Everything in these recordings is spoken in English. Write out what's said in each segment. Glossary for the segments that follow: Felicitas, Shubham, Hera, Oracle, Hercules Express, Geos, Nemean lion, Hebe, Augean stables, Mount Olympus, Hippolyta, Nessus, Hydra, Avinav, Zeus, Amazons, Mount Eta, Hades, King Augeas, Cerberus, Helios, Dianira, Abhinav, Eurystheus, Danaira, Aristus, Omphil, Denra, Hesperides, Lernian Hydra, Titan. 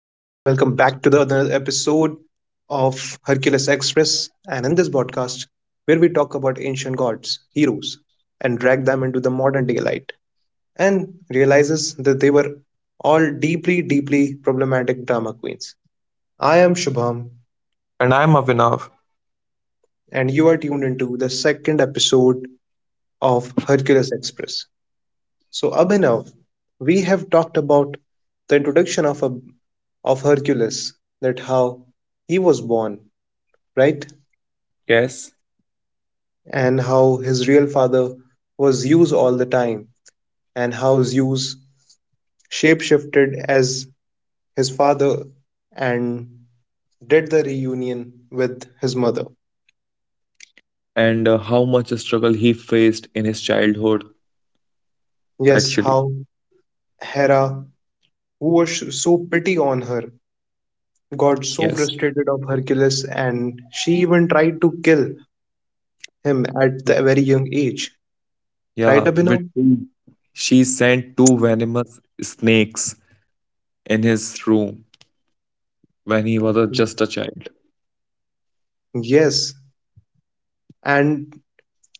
of Hercules Express, and in this podcast, where we talk about ancient gods, heroes, and drag them into the modern daylight, and realizes that they were all deeply, deeply problematic drama queens. I am Shubham, And I'm Avinav. and you are tuned into the second episode of Hercules Express. So, up Abhinav, we have talked about the introduction of a of Hercules, that how he was born, right? Yes. And how his real father was Zeus all the time, and how Zeus shapeshifted as his father and did the reunion with his mother. And how much struggle he faced in his childhood. Yes, Actually. how Hera, who was so pity on her, got so Yes. frustrated of Hercules, and she even tried to kill him at the very young age. Right, Yeah. Abhinav? She sent two venomous snakes in his room when he was a, just a child. Yes. And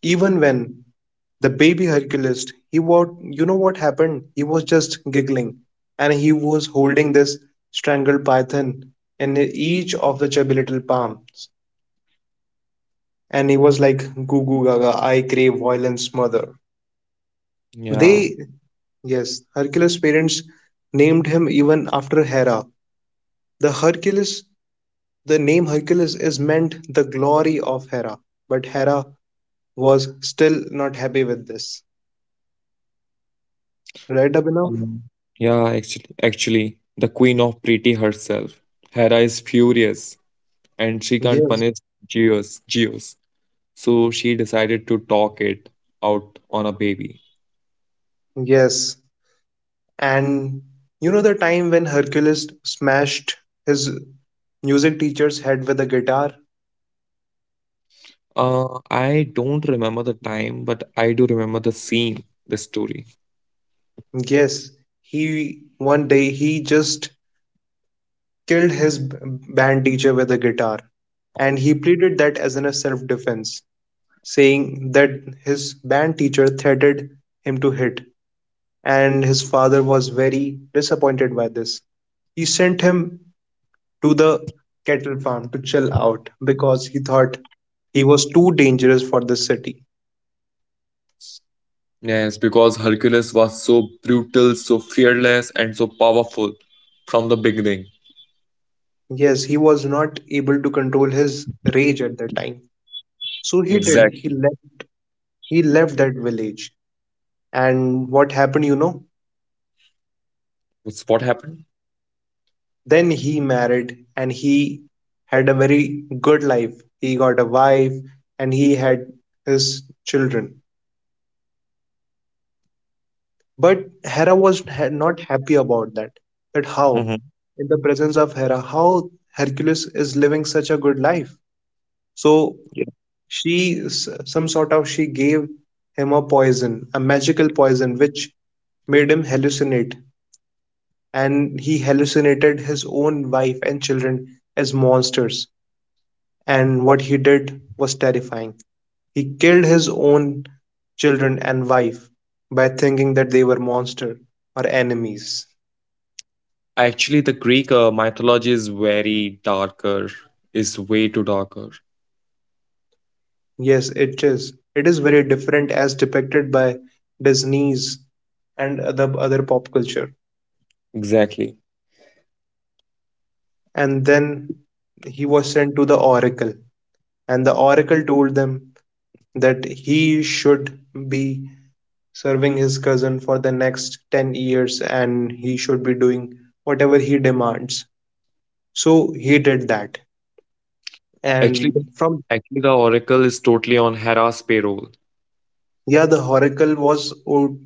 even when the baby Hercules, he was, you know what happened? He was just giggling, and he was holding this strangled python in each of the chubby little palms. And he was like, "Goo goo gaga, I crave violence, mother." Yeah. They, yes, Hercules' parents named him even after Hera. The Hercules, the name Hercules is meant the glory of Hera, but Hera was still not happy with this. Right, Abhinav? Um, yeah, actually, the queen of pretty herself. Hera is furious and she can't Yes, punish Geos. So she decided to talk it out on a baby. yes. And you know the time when Hercules smashed his music teacher's head with a guitar? I don't remember the time, but I do remember the scene, the story. Yes, he one day he just killed his band teacher with a guitar. And he pleaded that as in a self defense, saying that his band teacher threatened him to hit. And his father was very disappointed by this. He sent him to the cattle farm to chill out because he thought he was too dangerous for the city. Yes, because Hercules was so brutal, so fearless, and so powerful from the beginning. Yes, he was not able to control his rage at that time. So he did. He Exactly. left. He left that village. And what happened, you know? That's what happened. Then he married, and he had a very good life. He got a wife, and he had his children. But Hera was not happy about that. That how, Hmm. in the presence of Hera, how Hercules is living such a good life. So Yeah. Some sort of, she gave him a poison, a magical poison, which made him hallucinate. And he hallucinated his own wife and children as monsters. And what he did was terrifying. He killed his own children and wife by thinking that they were monster or enemies. Actually, the Greek mythology is very darker, is way too darker. Yes, it is. It is very different as depicted by Disney's and other pop culture. Exactly. And then he was sent to the oracle, and the oracle told them that he should be serving his cousin for the next 10 years, and he should be doing whatever he demands. So he did that, Actually, and the- from actually, the Oracle is totally on Hera's payroll. yeah, the oracle was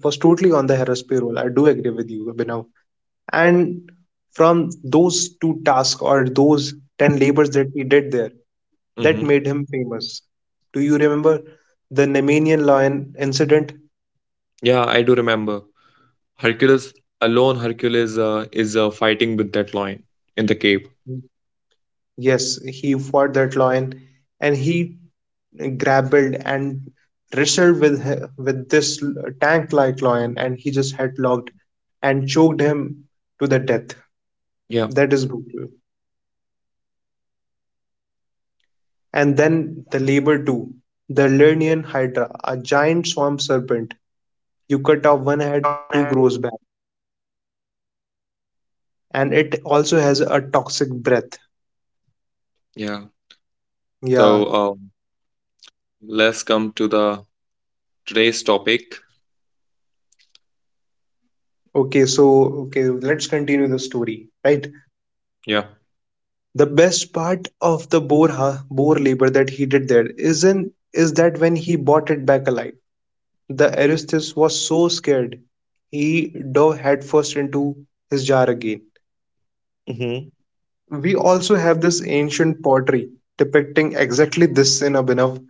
was totally on the hemisphere payroll. I do agree with you, Abhinav. And from those two tasks or those 10 labors that he did there, that Hmm. made him famous. Do you remember the Nemean lion incident? Yeah, I do remember. Hercules Hercules is fighting with that lion in the cave. Yes, he fought that lion, and he grappled and wrestled with with this tank like lion, and he just headlocked and choked him to the death. Yeah, That is brutal. And then the labor too. The Lernian Hydra, a giant swamp serpent. You cut off one head, two grows back. And it also has a toxic breath. yeah. Yeah. So let's come to the today's topic. Okay, so okay, let's continue the story, right? Yeah. The best part of the boar labor that he did there isn't is that when he bought it back alive, the Aristus was so scared he dove headfirst into his jar again. Hmm. We also have this ancient pottery depicting exactly this in Abhinav,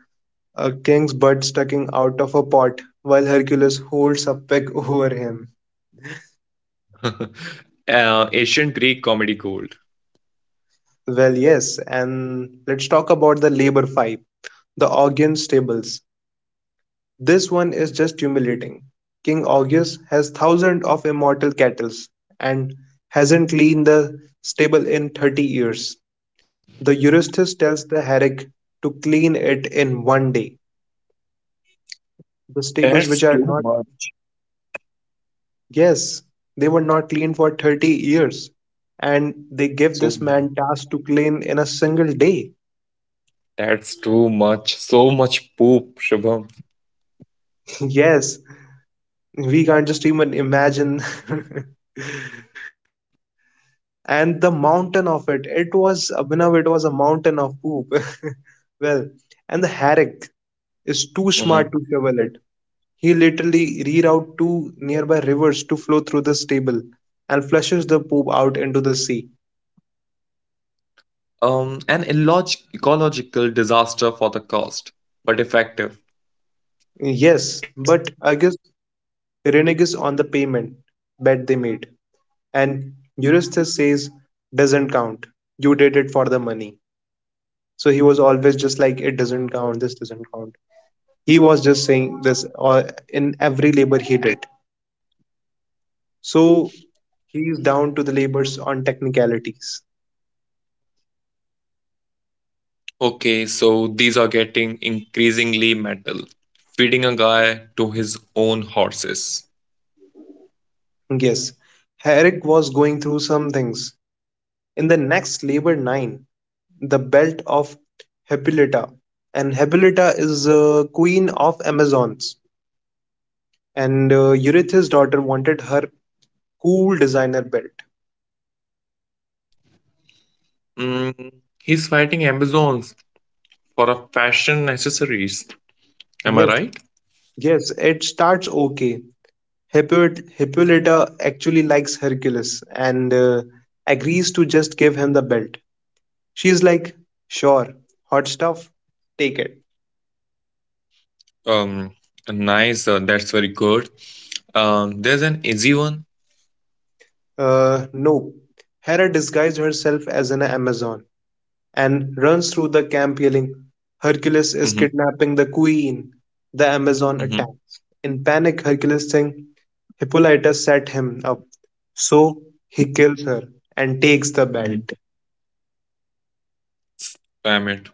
a king's butt sticking out of a pot while Hercules holds a peg over him. Ancient Greek comedy gold. Well, yes, and let's talk about the labor five, the Augean stables. This one is just humiliating. King Augeas has thousands of immortal cattle and hasn't cleaned the stable in 30 years. The Eurystheus tells the Herrick to clean it in one day. The stables That's which are too not, much. yes, they were not cleaned for 30 years. And they give So this man task to clean in a single day. that's too much, so much poop, Shubham. Yes, we can't just even imagine. And the mountain of it, it was, Abhinav, it was a mountain of poop. Well, and the Herrick is too smart Mhm. to shovel it. He literally reroutes two nearby rivers to flow through the stable and flushes the poop out into the sea. Ecological disaster for the cost, but effective. Yes, but I guess reneges on the payment bet they made, and Eurystheus says, doesn't count. You did it for the money. So he was always just like, it doesn't count, this doesn't count. He was just saying this in every labor he did. So he's down to the labors on technicalities. Okay, so these are getting increasingly metal. Feeding a guy to his own horses. Yes, Herrick was going through some things in the next labor 9, the belt of Hippolyta, and Hippolyta is queen of Amazons, and Eurytheus daughter wanted her cool designer belt. Mm, he's fighting Amazons for a fashion accessories. Am I Yes, right? yes, it starts. Okay, Hippolyta actually likes Hercules and agrees to just give him the belt. She's like, "Sure, hot stuff, take it." Um, nice. That's very good. There's an easy one. No. Hera disguised herself as an Amazon and runs through the camp yelling, "Hercules is Mm-hmm, kidnapping the queen." The Amazon mm-hmm. attacks. In panic, Hercules thinks Hippolyta set him up, so he kills her and takes the belt. Damn it.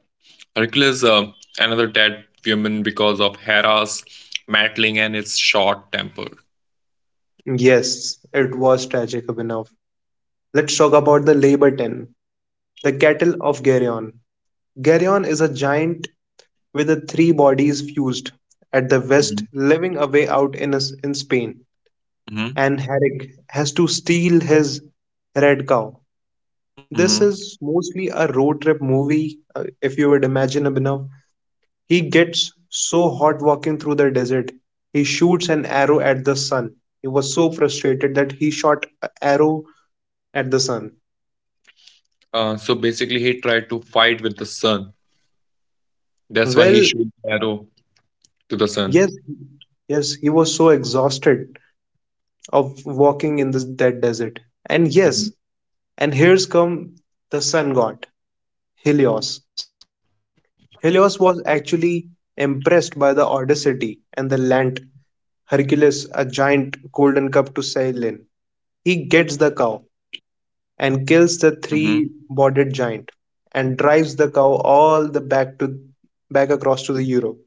Hercules, another dead woman because of Hera's meddling and his short temper. Yes, it was tragic enough. Let's talk about the Laberton, the cattle of Geryon. Geryon is a giant with the three bodies fused at the west, Mhm. living away out in Spain. Mhm. And Herrick has to steal his red cow. Mhm. This is mostly a road trip movie, if you would imagine, Abhinav. He gets so hot walking through the desert. He shoots an arrow at the sun. He was so frustrated that he shot an arrow at the sun. So basically, he tried to fight with the sun. That's why he Well, shoot arrow to the sun. yes, yes, he was so exhausted of walking in that desert. And yes, Mhm. and here's come the sun god, Helios. Helios was actually impressed by the audacity and the land Hercules, a giant golden cup to sail in. He gets the cow and Mhm. kills the three-bodied giant and drives the cow all the back to back across to the Europe,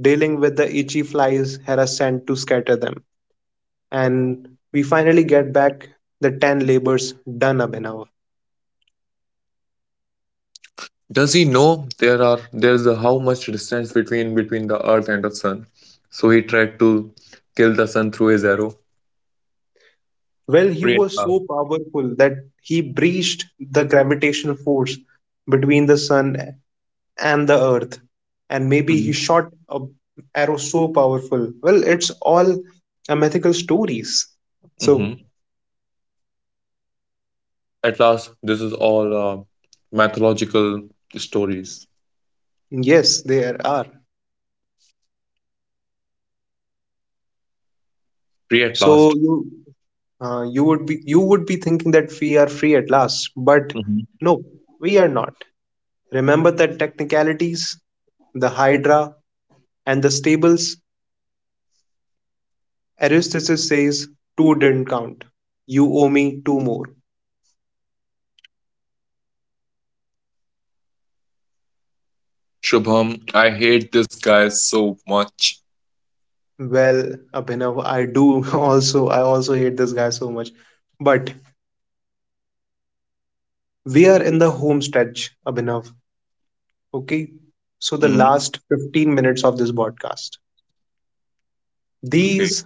dealing with the itchy flies Hera sent to scatter them. And we finally get back the 10 labors done, Abhinav. Does he know there are there's a, how much distance between the earth and the sun? So he tried to kill the sun through his arrow. Well, he Great was love. so powerful that he breached the gravitational force between the sun and the earth, and maybe he Mhm. shot a arrow so powerful. Well, it's all a mythical stories. So Mhm. At last, this is all mythological stories. yes, there are. Free at So last. You would be thinking that we are free at last, but no, we are not. Remember the technicalities, the Hydra, and the stables. Aristoteles says, two didn't count. You owe me two more. Shubham, I hate this guy so much. Well, Abhinav, I do also. I also hate this guy so much. But we are in the home stretch, Abhinav. Okay? So the Hmm. last 15 minutes of this broadcast. Okay. These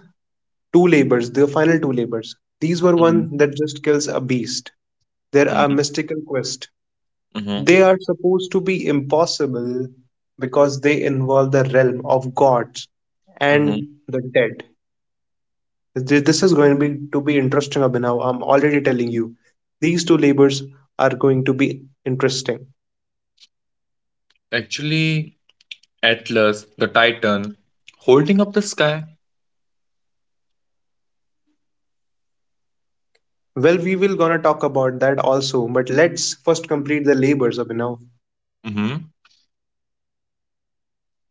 two labors, the final two labors, these were Hmm. one that just kills a beast. There are Hmm. mystical quests. Hmm. They are supposed to be impossible because they involve the realm of gods Hmm. and the dead. This is going to be interesting, Abhinav. I'm already telling you. These two labors are going to be interesting. Actually, Atlas, the Titan, holding up the sky. Well, we will gonna talk about that also, but let's first complete the labors, Abhinav. Hmm.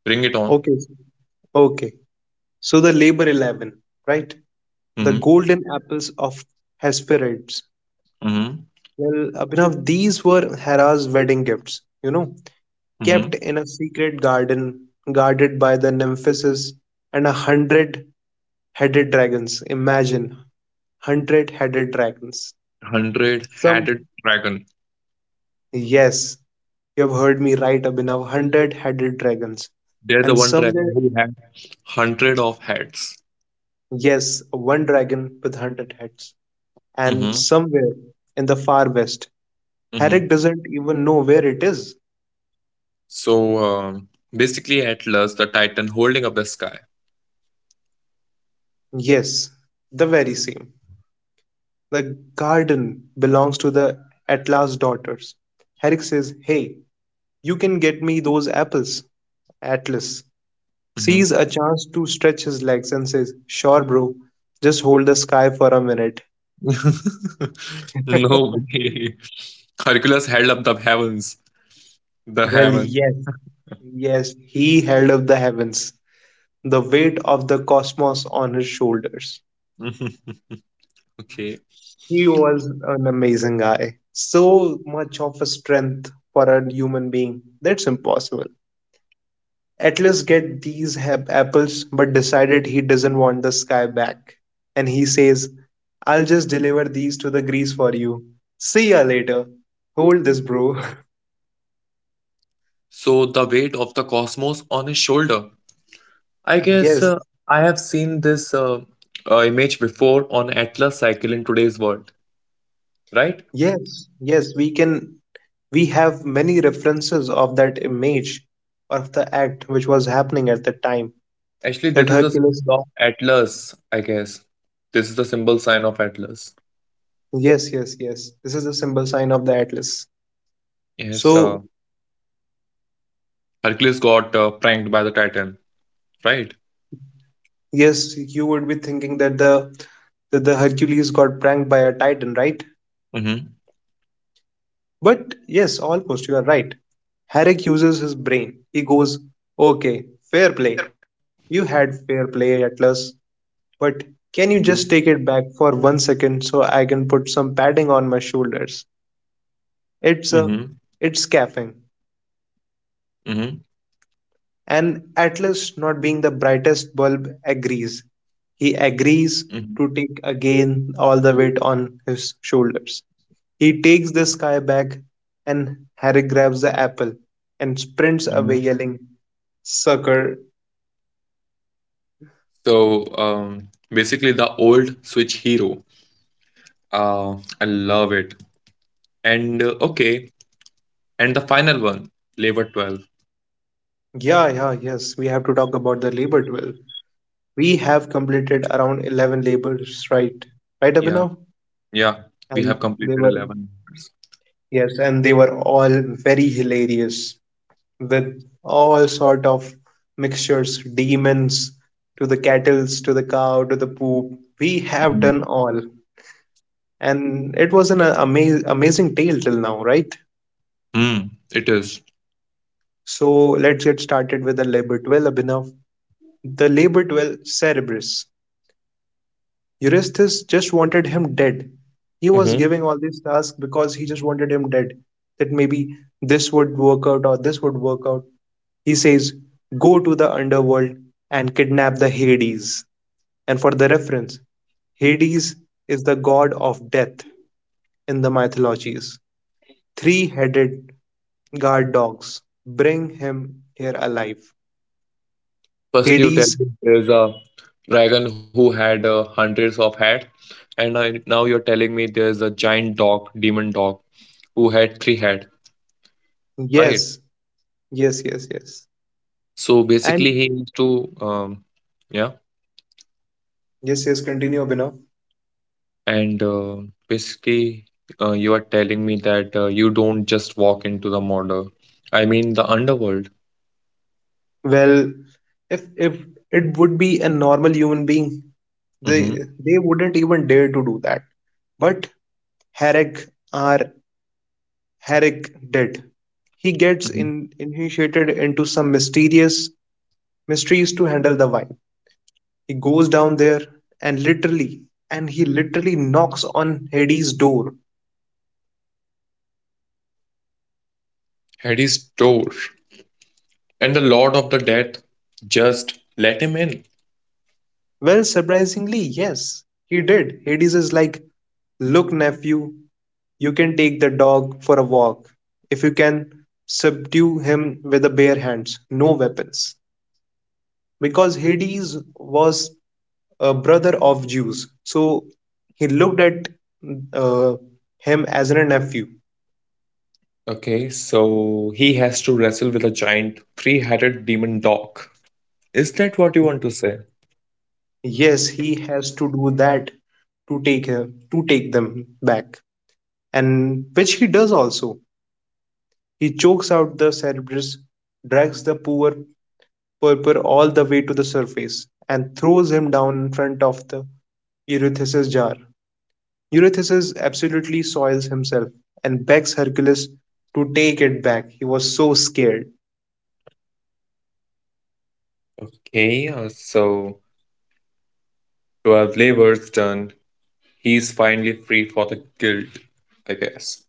Bring it on. Okay. Okay. So the labor 11, right? The Hmm. golden apples of Hesperides. Hmm. Well, Abhinav, these were Hera's wedding gifts, you know, kept Hmm. in a secret garden guarded by the Nymphesses and a hundred headed dragons. Imagine hundred headed dragons. Hundred Some, headed dragon. yes, you have heard me right, Abhinav, hundred headed dragons. There's a And one dragon somewhere, who had hundred of heads. yes, one dragon with hundred heads. And Hmm. somewhere in the far west, Herrick Hmm. doesn't even know where it is. So basically, Atlas, the Titan, holding up the sky. Yes, the very same. The garden belongs to the Atlas daughters. Herrick says, "Hey, you can get me those apples." Atlas Mhm. sees a chance to stretch his legs and says, "Sure, bro, just hold the sky for a minute." No way. Hercules held up the heavens. The Well, heaven. yes, yes, he held up the heavens, the weight of the cosmos on his shoulders. Okay. He was an amazing guy. So much of a strength for a human being. That's impossible. Atlas get these apples but decided he doesn't want the sky back. And he says, "I'll just deliver these to the Greece for you. See ya later. Hold this, bro." So the weight of the cosmos on his shoulder. I guess Yes, I have seen this image before on Atlas cycle in today's world, right? yes, yes, we can. We have many references of that image of the act which was happening at the time. Actually, That this is a Hercules. symbol of Atlas, I guess. This is the symbol sign of Atlas. Yes, yes, yes. This is the symbol sign of the Atlas. Yes, So, Hercules got pranked by the Titan, right? yes, you would be thinking that the Hercules got pranked by a Titan, right? Mm-hmm. But yes, almost, you are right. Herrick uses his brain. He goes, "Okay, fair play. You had fair play, Atlas. But can Mm-hmm. you just take it back for one second so I can put some padding on my shoulders? Mm-hmm. It's a, it's caffeine." And Atlas, not being the brightest bulb, agrees. He Mm-hmm. agrees to take again all the weight on his shoulders. He takes the sky back, and Harry grabs the apple and sprints Mm-hmm. away, yelling, "Sucker." So basically, the old Switch hero. Uh, I love it. And okay, and the final one, Labor 12. Yeah, yeah, yes. We have to talk about the labor duel. We have completed around 11 labors, right? Right, Yeah. Abhinav? Yeah, we And have they completed were, 11 minutes. yes, and they were all very hilarious with all sort of mixtures, demons, to the cattles, to the cow, to the poop. We have Mhm. done all. And it was an amazing tale till now, right? Mm, it is. So let's get started with the labor 12, Abhinav. The labor 12 Cerebrus. Eurystheus just wanted him dead. He was Hmm. giving all these tasks because he just wanted him dead. That maybe this would work out or this would work out. He says, "Go to the underworld and kidnap the Hades." And for the reference, Hades is the god of death in the mythologies. Three headed guard dogs. Bring him here alive. Firstly, you tell Hades, me there's a dragon who had hundreds of head, now you're telling me there's a giant dog, demon dog, who had three head, right? yes, yes, yes, yes. So And basically, he used to, yeah, yes, yes, continue, Abhinav. and basically, you are telling me that you don't just walk into the murder. I mean, the underworld. Well, if it would be a normal human being, they Mm-hmm. they wouldn't even dare to do that. But Herrick are Herrick did. He gets in, initiated into some mysterious mysteries to handle the wine. He goes down there and literally and he literally knocks on Hades' door. Hades' door. And the Lord of the Death just let him in. Well, surprisingly, yes, he did. Hades is like, "Look, nephew, you can take the dog for a walk if you can subdue him with the bare hands, no weapons." Because Hades was a brother of Zeus, so he looked at uh, him as a nephew. Okay, so he has to wrestle with a giant three headed demon dog. Is that what you want to say? Yes, he has to do that to take them back, and which he does also. He chokes out the Cerberus, drags the poor Purpur all the way to the surface, and throws him down in front of the Eurysthus' jar. Eurystheus absolutely soils himself and begs Hercules to take it back. He was so scared. Okay, so 12 labors done. He's finally free for the guild, I guess.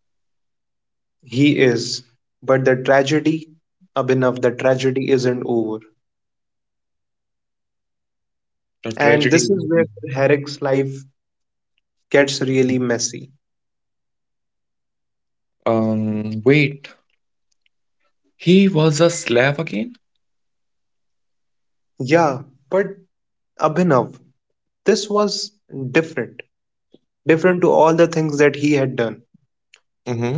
He is. But the tragedy, Abhinav, the tragedy isn't over. The And tragedy. this is where Herrick's life gets really messy. Wait, he was a slave again? Yeah, but Abhinav, this was different. Different to all the things that he had done.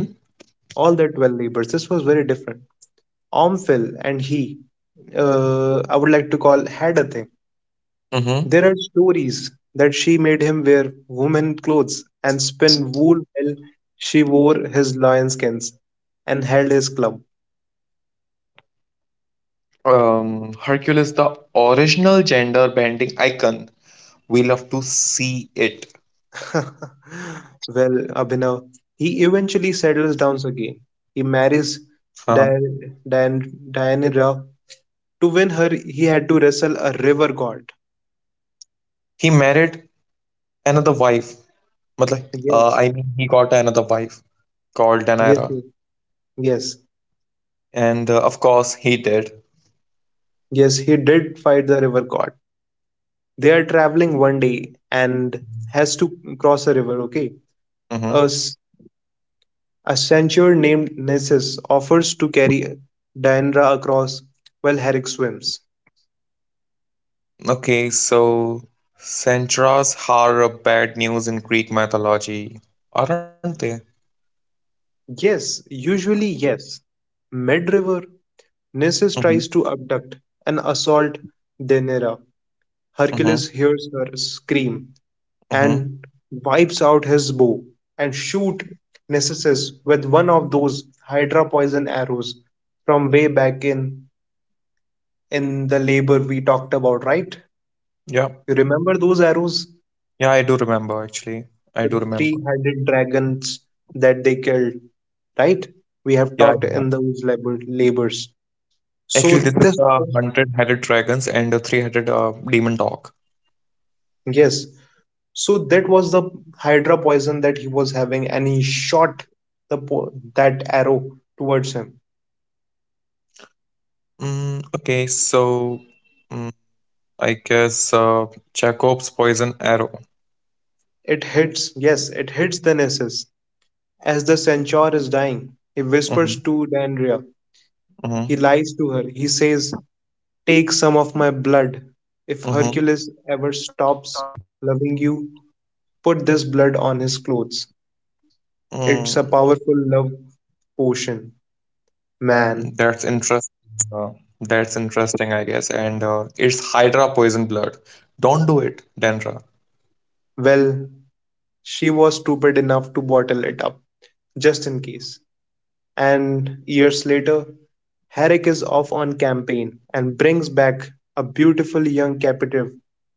Mm-hmm. All the 12 labors. This was very different. Omphil and he, I would like to call, had a thing. There are Mm-hmm. stories that she made him wear woman clothes and spin wool while she wore his lion skins and held his club. Hercules, the original gender bending icon. We love to see it. Well, Abhinav, he eventually settles down again. He marries Dianira. To win her, he had to wrestle a river god. He married another wife. Matlab, Yes, I mean, he got another wife called yes, Danaira. yes, yes, And of course, he did. yes, he did fight the river god. They are traveling one day and has to cross a river, okay? A Mm-hmm. s- A centaur named Nessus offers to carry Diandra across while Herrick swims. Okay, so Sentras are bad news in Greek mythology, aren't they? Yes, usually yes. Mid-river, Nessus Mm-hmm. tries to abduct and assault Daenerys. Mm-hmm. Hercules hears her scream Mm-hmm. and wipes out his bow and shoot Nessus with one of those Hydra poison arrows from way back in the labor we talked about, right? Yeah. You remember those arrows? Yeah, I do remember actually. I The do remember. three-headed dragons that they killed, right? We have Yeah. talked in those labors. So Actually, this is this, the 100-headed dragons and the 3-headed demon dog. yes, so that was the Hydra poison that he was having, and he shot the po that arrow towards him. Mm, okay, so mm, I guess Jacob's poison arrow. It hits, yes, it hits the Nessus. As the centaur is dying, he whispers to Hmm. Dandrea. He Hmm. lies to her. He says, "Take some of my blood. If Hercules Hmm. ever stops loving you, put this blood on his clothes. It's a Mm, powerful love potion, man." that's interesting. That's interesting, I guess. And it's Hydra poison blood. Don't do it, Denra. Well, she was stupid enough to bottle it up, just in case. And years later, Herrick is off on campaign and brings back a beautiful young captive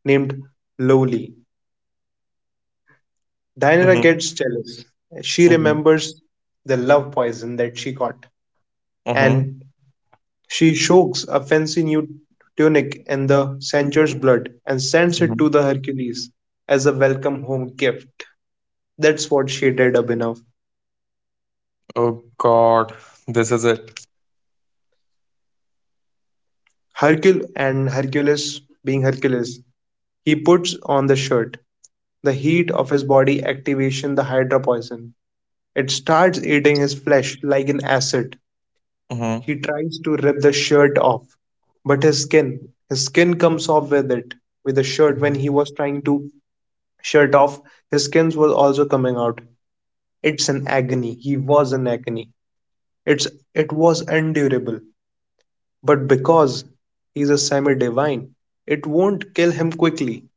named Lowly. Dinah gets Hmm. jealous. She remembers Hmm. the love poison that she got, and Hmm. she shakes a fancy new tunic in the Centaur's blood and sends it to the Hmm. Hercules as a welcome home gift. That's what she did, Abhinav. Oh God, this is it. Hercules being Hercules, he puts on the shirt. The heat of his body activation the Hydra poison. It starts eating his flesh like an acid. He Hmm. tries to rip the shirt off, but his skin comes off with it, with the shirt when Hmm. he was trying to shirt off. His skins was also coming out. It's an agony. He was an agony. It's it was endurable. But because he's a semi divine, it won't kill him quickly.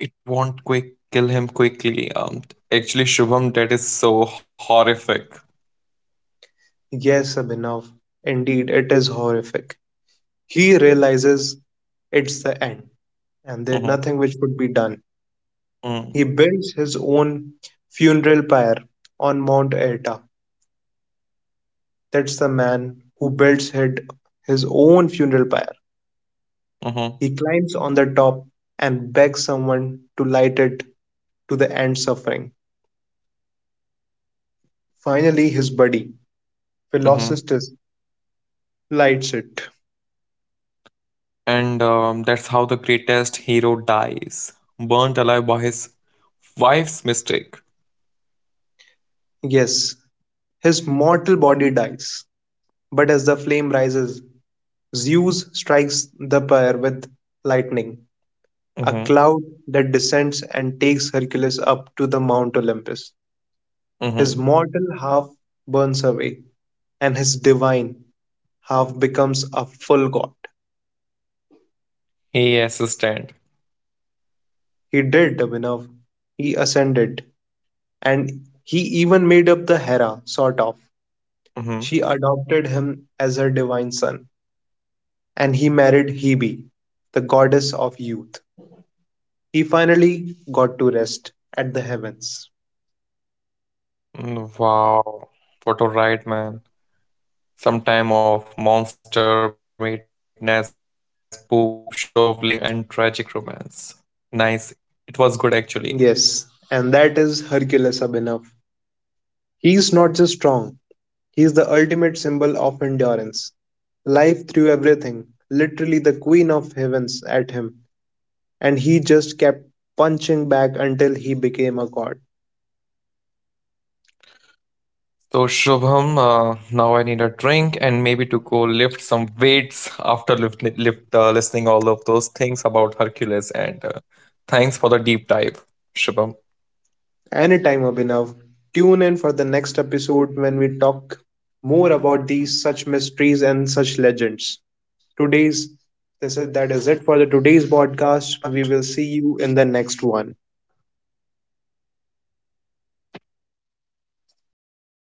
It won't quick kill him quickly. Actually, Shubham, that is so horrific. Yes, Abhinav. Indeed, it is horrific. He realizes it's the end, and there's Mhm, nothing which could be done. mhm, He builds his own funeral pyre on Mount Eta. That's the man who builds his own funeral pyre. mhm, He climbs on the top and begs someone to light it to the end suffering. Finally, his buddy, mhm. Felicitas, lights it. And that's how the greatest hero dies, burnt alive by his wife's mistake. Yes, his mortal body dies, but as the flame rises, Zeus strikes the pyre with lightning, a Mm-hmm, cloud that descends and takes Hercules up to the Mount Olympus. His mm-hmm. mortal half burns away, and his divine half becomes a full god. He assistant. He did, Abhinav. He ascended. And he even made up the Hera, sort of. Mm-hmm. She adopted him as her divine son, and he married Hebe, the goddess of youth. He finally got to rest at the heavens. Mm, wow, what a ride, man. Some time of monster madness, poop shoveling, and tragic romance. Nice. It was good actually. Yes, and that is Hercules Abhinav. He is not just strong, he is the ultimate symbol of endurance. Life threw everything, literally the queen of heavens, at him, and he just kept punching back until he became a god. So Shubham, now I need a drink and maybe to go lift some weights after lift, lift listening all of those things about Hercules. And thanks for the deep dive, Shubham. Anytime, Abhinav. Tune in for the next episode when we talk more about these such mysteries and such legends. Today's this is that is it for the today's podcast. We will see you in the next one.